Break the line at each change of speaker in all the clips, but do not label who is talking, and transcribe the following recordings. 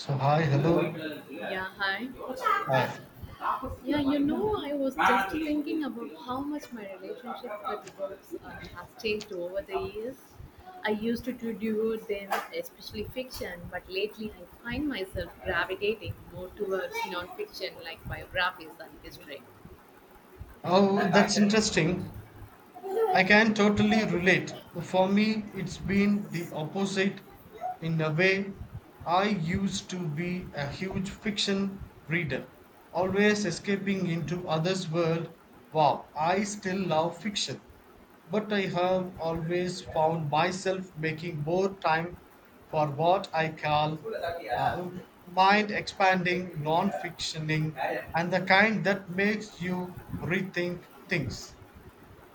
So hi, hello,
Yeah, hi.
hi.
Yeah, I was just thinking about how much my relationship with books has changed over the years. I used to devour them, especially fiction, but lately I find myself gravitating more towards non-fiction like biographies and history.
Oh, that's interesting. I can totally relate. For me, it's been the opposite in a way. I used to be a huge fiction reader, always escaping into others' world. Wow, I still love fiction, but I have always found myself making more time for what I call uh, mind expanding non fictioning and the kind that makes you rethink things.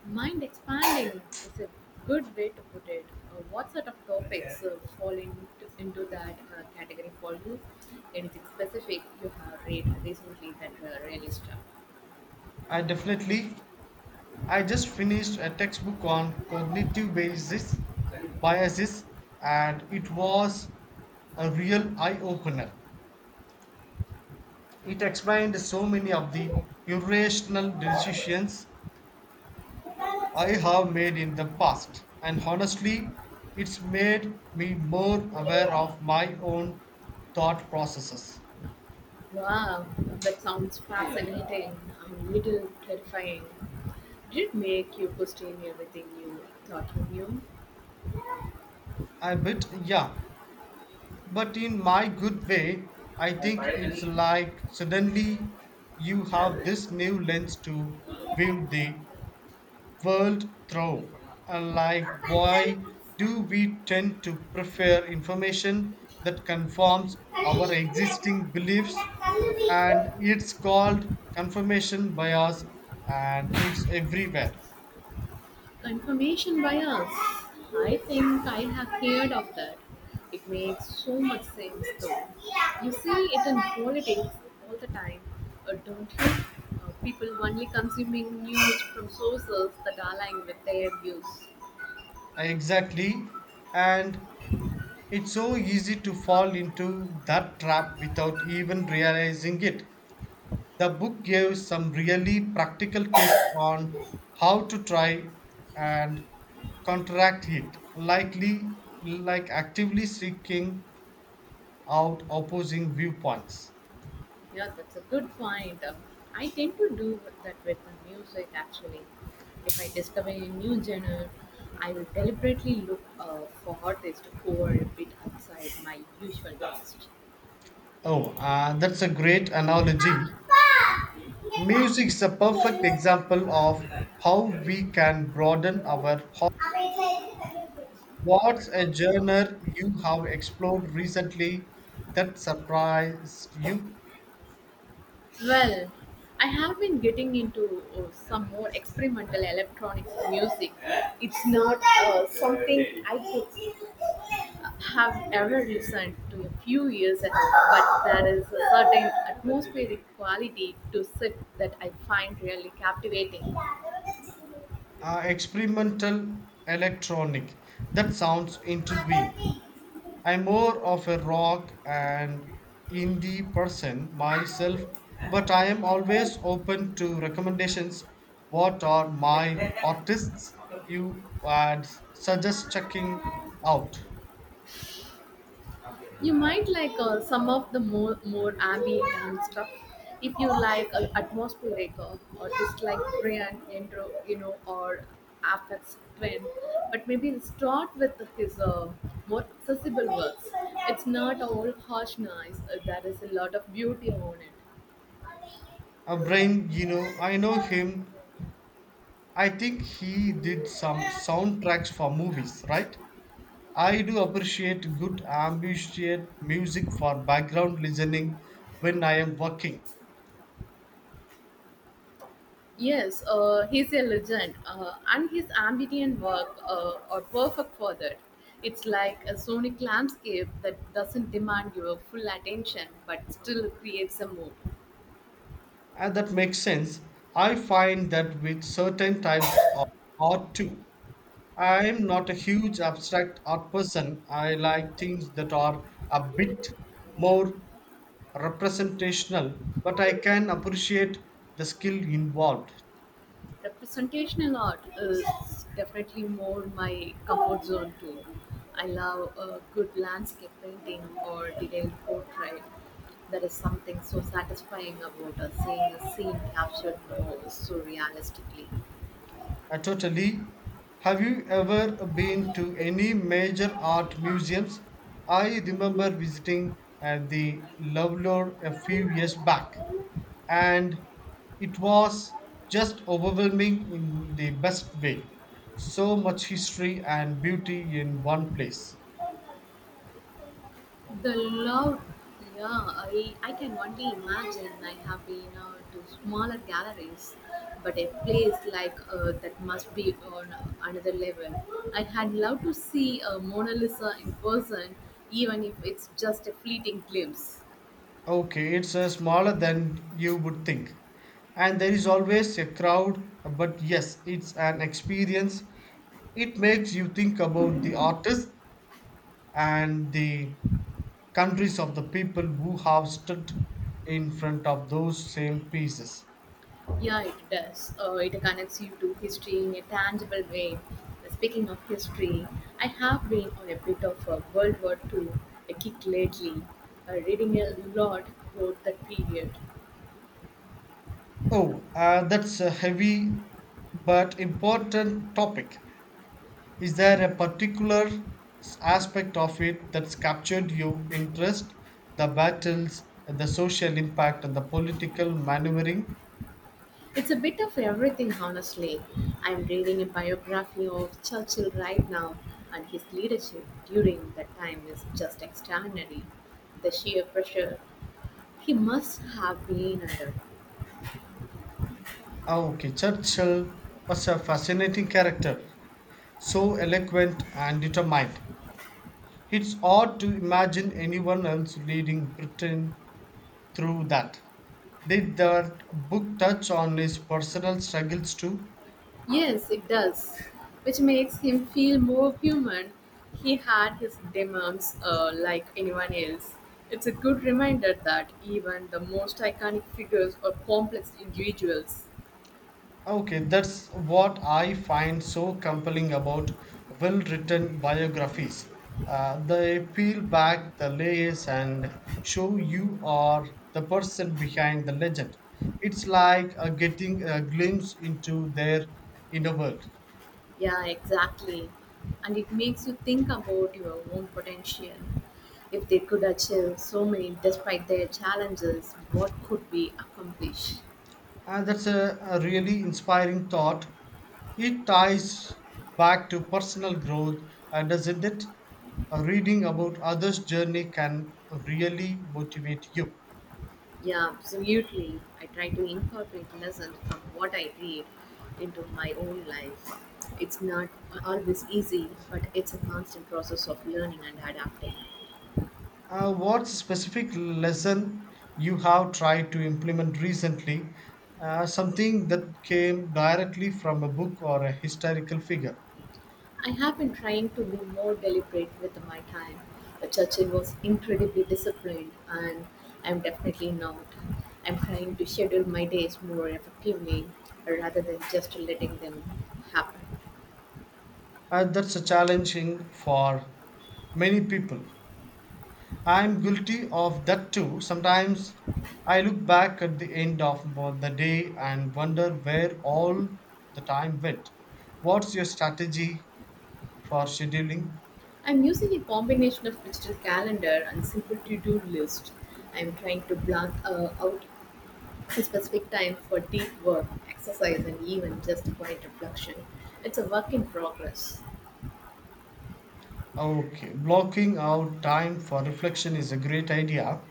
Mind expanding is a good way to put it. What sort of topics into that category for you? Anything specific you have read recently that really stuck?
I definitely I just finished a textbook on cognitive basis, biases, and it was a real eye opener. It explained so many of the irrational decisions I have made in the past, and honestly, it's made me more aware of my own thought processes.
Wow, that sounds fascinating. A little terrifying. Did it make you question everything you thought you
I bit, yeah. But in my good way, I think it's like suddenly you have this new lens to view the world through. And like, why
knew?
do we tend to prefer information that conforms our existing beliefs? And it's called confirmation bias, and it's everywhere.
Confirmation bias. I think I have heard of that. It makes so much sense though. You see it in politics all the time, don't you? People only consuming news from sources that align with their views.
Exactly. And it's so easy to fall into that trap without even realizing it. The book gives some really practical tips on how to try and contract it, likely like actively seeking out opposing viewpoints.
Yeah, that's a good point. I tend to do that with the music actually. If I discover a new genre, I will deliberately look for artists who are a bit outside my usual taste.
Oh, that's a great analogy. Music is a perfect example of how we can broaden our. What's a genre you have explored recently that surprised you?
Well, I have been getting into some more experimental electronic music. It's not something I could have ever listened to a few years ago, but there is a certain atmospheric quality to it that I find really captivating.
Experimental electronic. That sounds intriguing. I'm more of a rock and indie person myself, but I am always open to recommendations. What are my artists you would suggest checking out?
You might like some of the more ambient and stuff if you like atmospheric or dislike Brian intro, you know, or affects trend. But maybe start with his more accessible works. It's not all harsh noise. There is a lot of beauty on
A brain, you know, I know him. I think he did some
it.
soundtracks for movies, right? I do appreciate good ambient music for background listening when I am working.
Yes, he's a legend, and his ambient work are perfect for that. It's like a sonic landscape that doesn't demand your full attention but still creates a mood.
And that makes sense. I find that with certain types of art too. I am not a huge abstract art person. I like things that are a bit more representational, but I can appreciate the skill involved.
Representational art is definitely more my comfort zone too. I love a good landscape painting or detailed portrait. There is something so satisfying about seeing a scene captured more surrealistically.
Totally. Have you ever been to any major art museums? I remember visiting the Louvre a few years back, and it was just overwhelming in the best way. So much history and beauty in one place.
The loud, yeah, I can only imagine. I have been to smaller galleries, but a place like that must be on another level. I had loved to see a Mona Lisa in person, even if it's just a fleeting glimpse.
Okay, it's smaller than you would think. And there is always a crowd, but yes, it's an experience. It makes you think about the artists and the countries of the people who have stood in front of those same pieces.
Yeah, it does. It connects you to history in a tangible way. Speaking of history, I have been on a bit of a World War Two a kick lately, reading a lot about that period.
Oh, that's a heavy but important topic. Is there a particular aspect of it that's captured your interest? The battles, the social impact, and the political maneuvering?
It's a bit of everything, honestly. I'm reading a biography of Churchill right now, and his leadership during that time is just extraordinary. The sheer pressure he must have been under.
Oh, okay, Churchill was a fascinating character, so eloquent and determined. It's odd to imagine anyone else leading Britain through that. Did that book touch on his personal struggles too?
Yes, it does, which makes him feel more human. He had his demons like anyone else. It's a good reminder that even the most iconic figures are complex individuals.
Okay, that's what I find so compelling about well written biographies. They peel back the layers and show you are the person behind the legend. It's like getting a glimpse into their inner world.
Yeah, exactly. And it makes you think about your own potential. If they could achieve so many despite their challenges, what could we accomplish?
And that's a really inspiring thought. It ties back to personal growth, doesn't it? Reading about others' journey can really motivate you.
Yeah, absolutely. I try to incorporate lessons from what I read into my own life. It's not always easy, but it's a constant process of learning and adapting.
What specific lesson you have tried to implement recently? Something that came directly from a book or a historical figure.
I have been trying to be more deliberate with my time. Churchill was incredibly disciplined, and I'm definitely not. I'm trying to schedule my days more effectively rather than just letting them happen.
That's a challenging for many people. I'm guilty of that too. Sometimes I look back at the end of the day and wonder where all the time went. What's your strategy for scheduling?
I'm using a combination of digital calendar and simple to-do list. I'm trying to block out a specific time for deep work, exercise, and even just quiet reflection. It's a work in progress.
Okay, blocking out time for reflection is a great idea.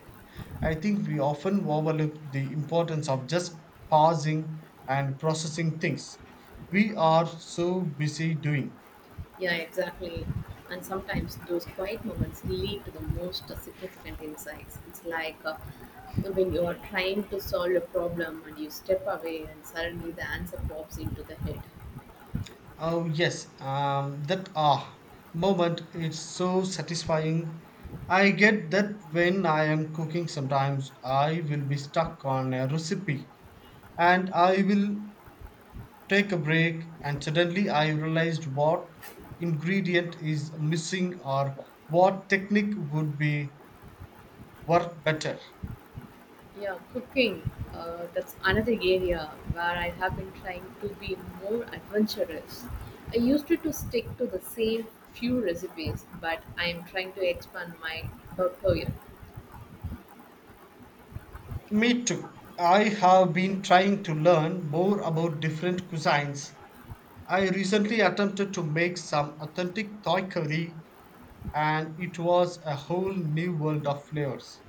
I think we often overlook the importance of just pausing and processing things. We are so busy doing.
Yeah, exactly. And sometimes those quiet moments lead to the most significant insights. It's like when you are trying to solve a problem and you step away, and suddenly the answer pops into the head.
Oh, yes, that ah moment is so satisfying. I get that when I am cooking, sometimes I will be stuck on a recipe and I will take a break and suddenly I realized what ingredient is missing or what technique would be work better.
Yeah, cooking. That's another area where I have been trying to be more adventurous. I used to stick to the same few recipes, but I am trying to expand my portfolio.
Me too. I have been trying to learn more about different cuisines. I recently attempted to make some authentic Thai curry and it was a whole new world of flavors.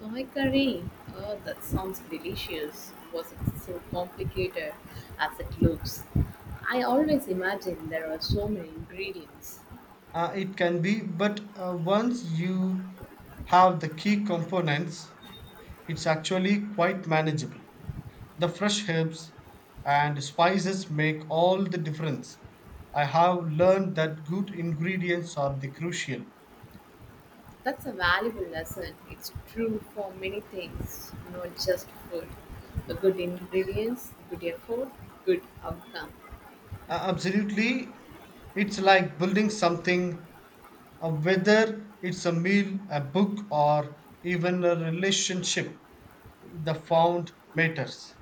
Thai curry. Oh, that sounds delicious. Was it so complicated as it looks? I always imagine there are so many ingredients.
It can be, but once you have the key components, it's actually quite manageable. The fresh herbs and spices make all the difference. I have learned that good ingredients are the crucial.
That's a valuable lesson. It's true for many things, not just food. The good ingredients, good effort, good outcome.
Absolutely, it's like building something, whether it's a meal, a book, or even a relationship. The found matters.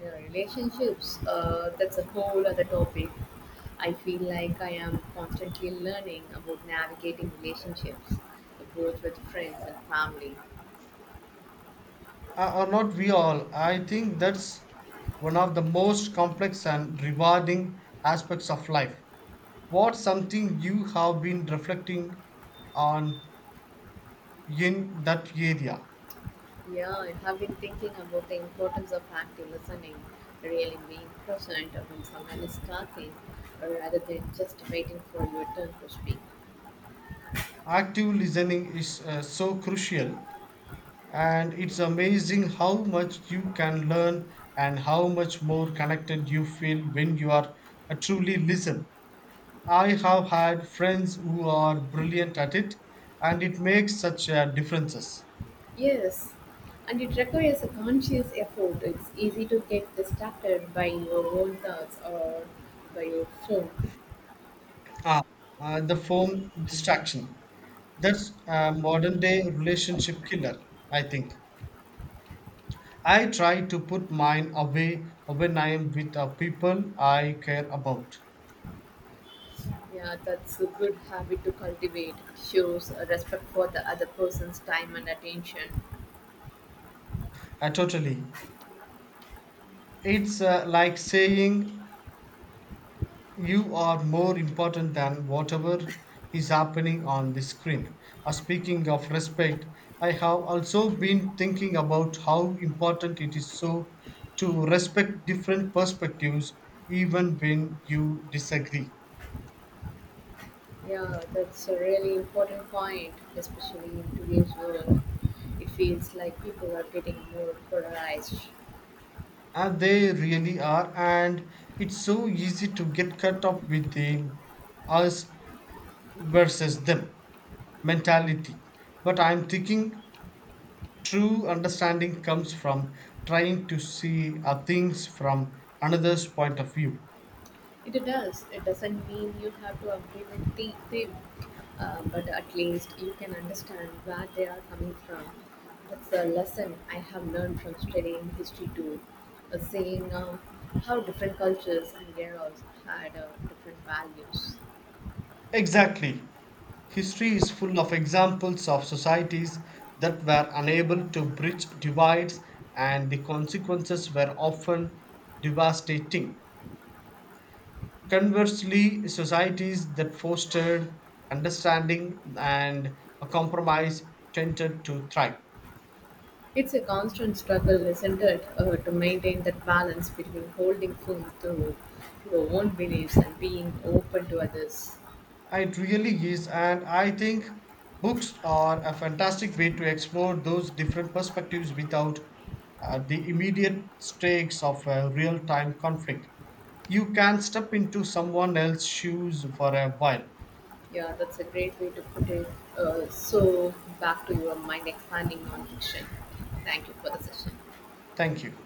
Your relationships, that's a whole other topic. I feel like I am constantly learning about navigating relationships, both with friends and family.
Or not we all. I think that's one of the most complex and rewarding aspects of life. What's something you have been reflecting on in that area?
Yeah, I have been thinking about the importance of active listening, really being present when someone is talking rather than just waiting for your turn to speak.
Active listening is so crucial, and it's amazing how much you can learn and how much more connected you feel when you are truly listen. I have had friends who are brilliant at it, and it makes such a differences.
Yes, and it requires a conscious effort. It's easy to get distracted by your own thoughts or by your phone.
Ah, the phone distraction. That's a modern day relationship killer, I think. I try to put mine away when I am with the people I care about.
Yeah, that's a good habit to cultivate. Shows a respect for the other person's time and attention.
Totally. It's like saying you are more important than whatever is happening on the screen. Speaking of respect, I have also been thinking about how important it is so to respect different perspectives even when you disagree.
Yeah, that's a really important point, especially in today's world. It feels like people are getting more polarized.
And they really are, and it's so easy to get caught up with the us versus them mentality. But I'm thinking true understanding comes from trying to see things from another's point of view.
It does. It doesn't mean you have to agree with the them, but at least you can understand where they are coming from. That's a lesson I have learned from studying history too, seeing how different cultures and eras had different values.
Exactly. History is full of examples of societies that were unable to bridge divides, and the consequences were often devastating. Conversely, societies that fostered understanding and a compromise tended to thrive.
It's a constant struggle, isn't it, to maintain that balance between holding firm to your own beliefs and being open to others.
It really is, and I think books are a fantastic way to explore those different perspectives without the immediate stakes of a real time conflict. You can step into someone else's shoes for a while.
Yeah, that's a great way to put it. So, back to your mind expanding nonfiction. Thank you for the session.
Thank you.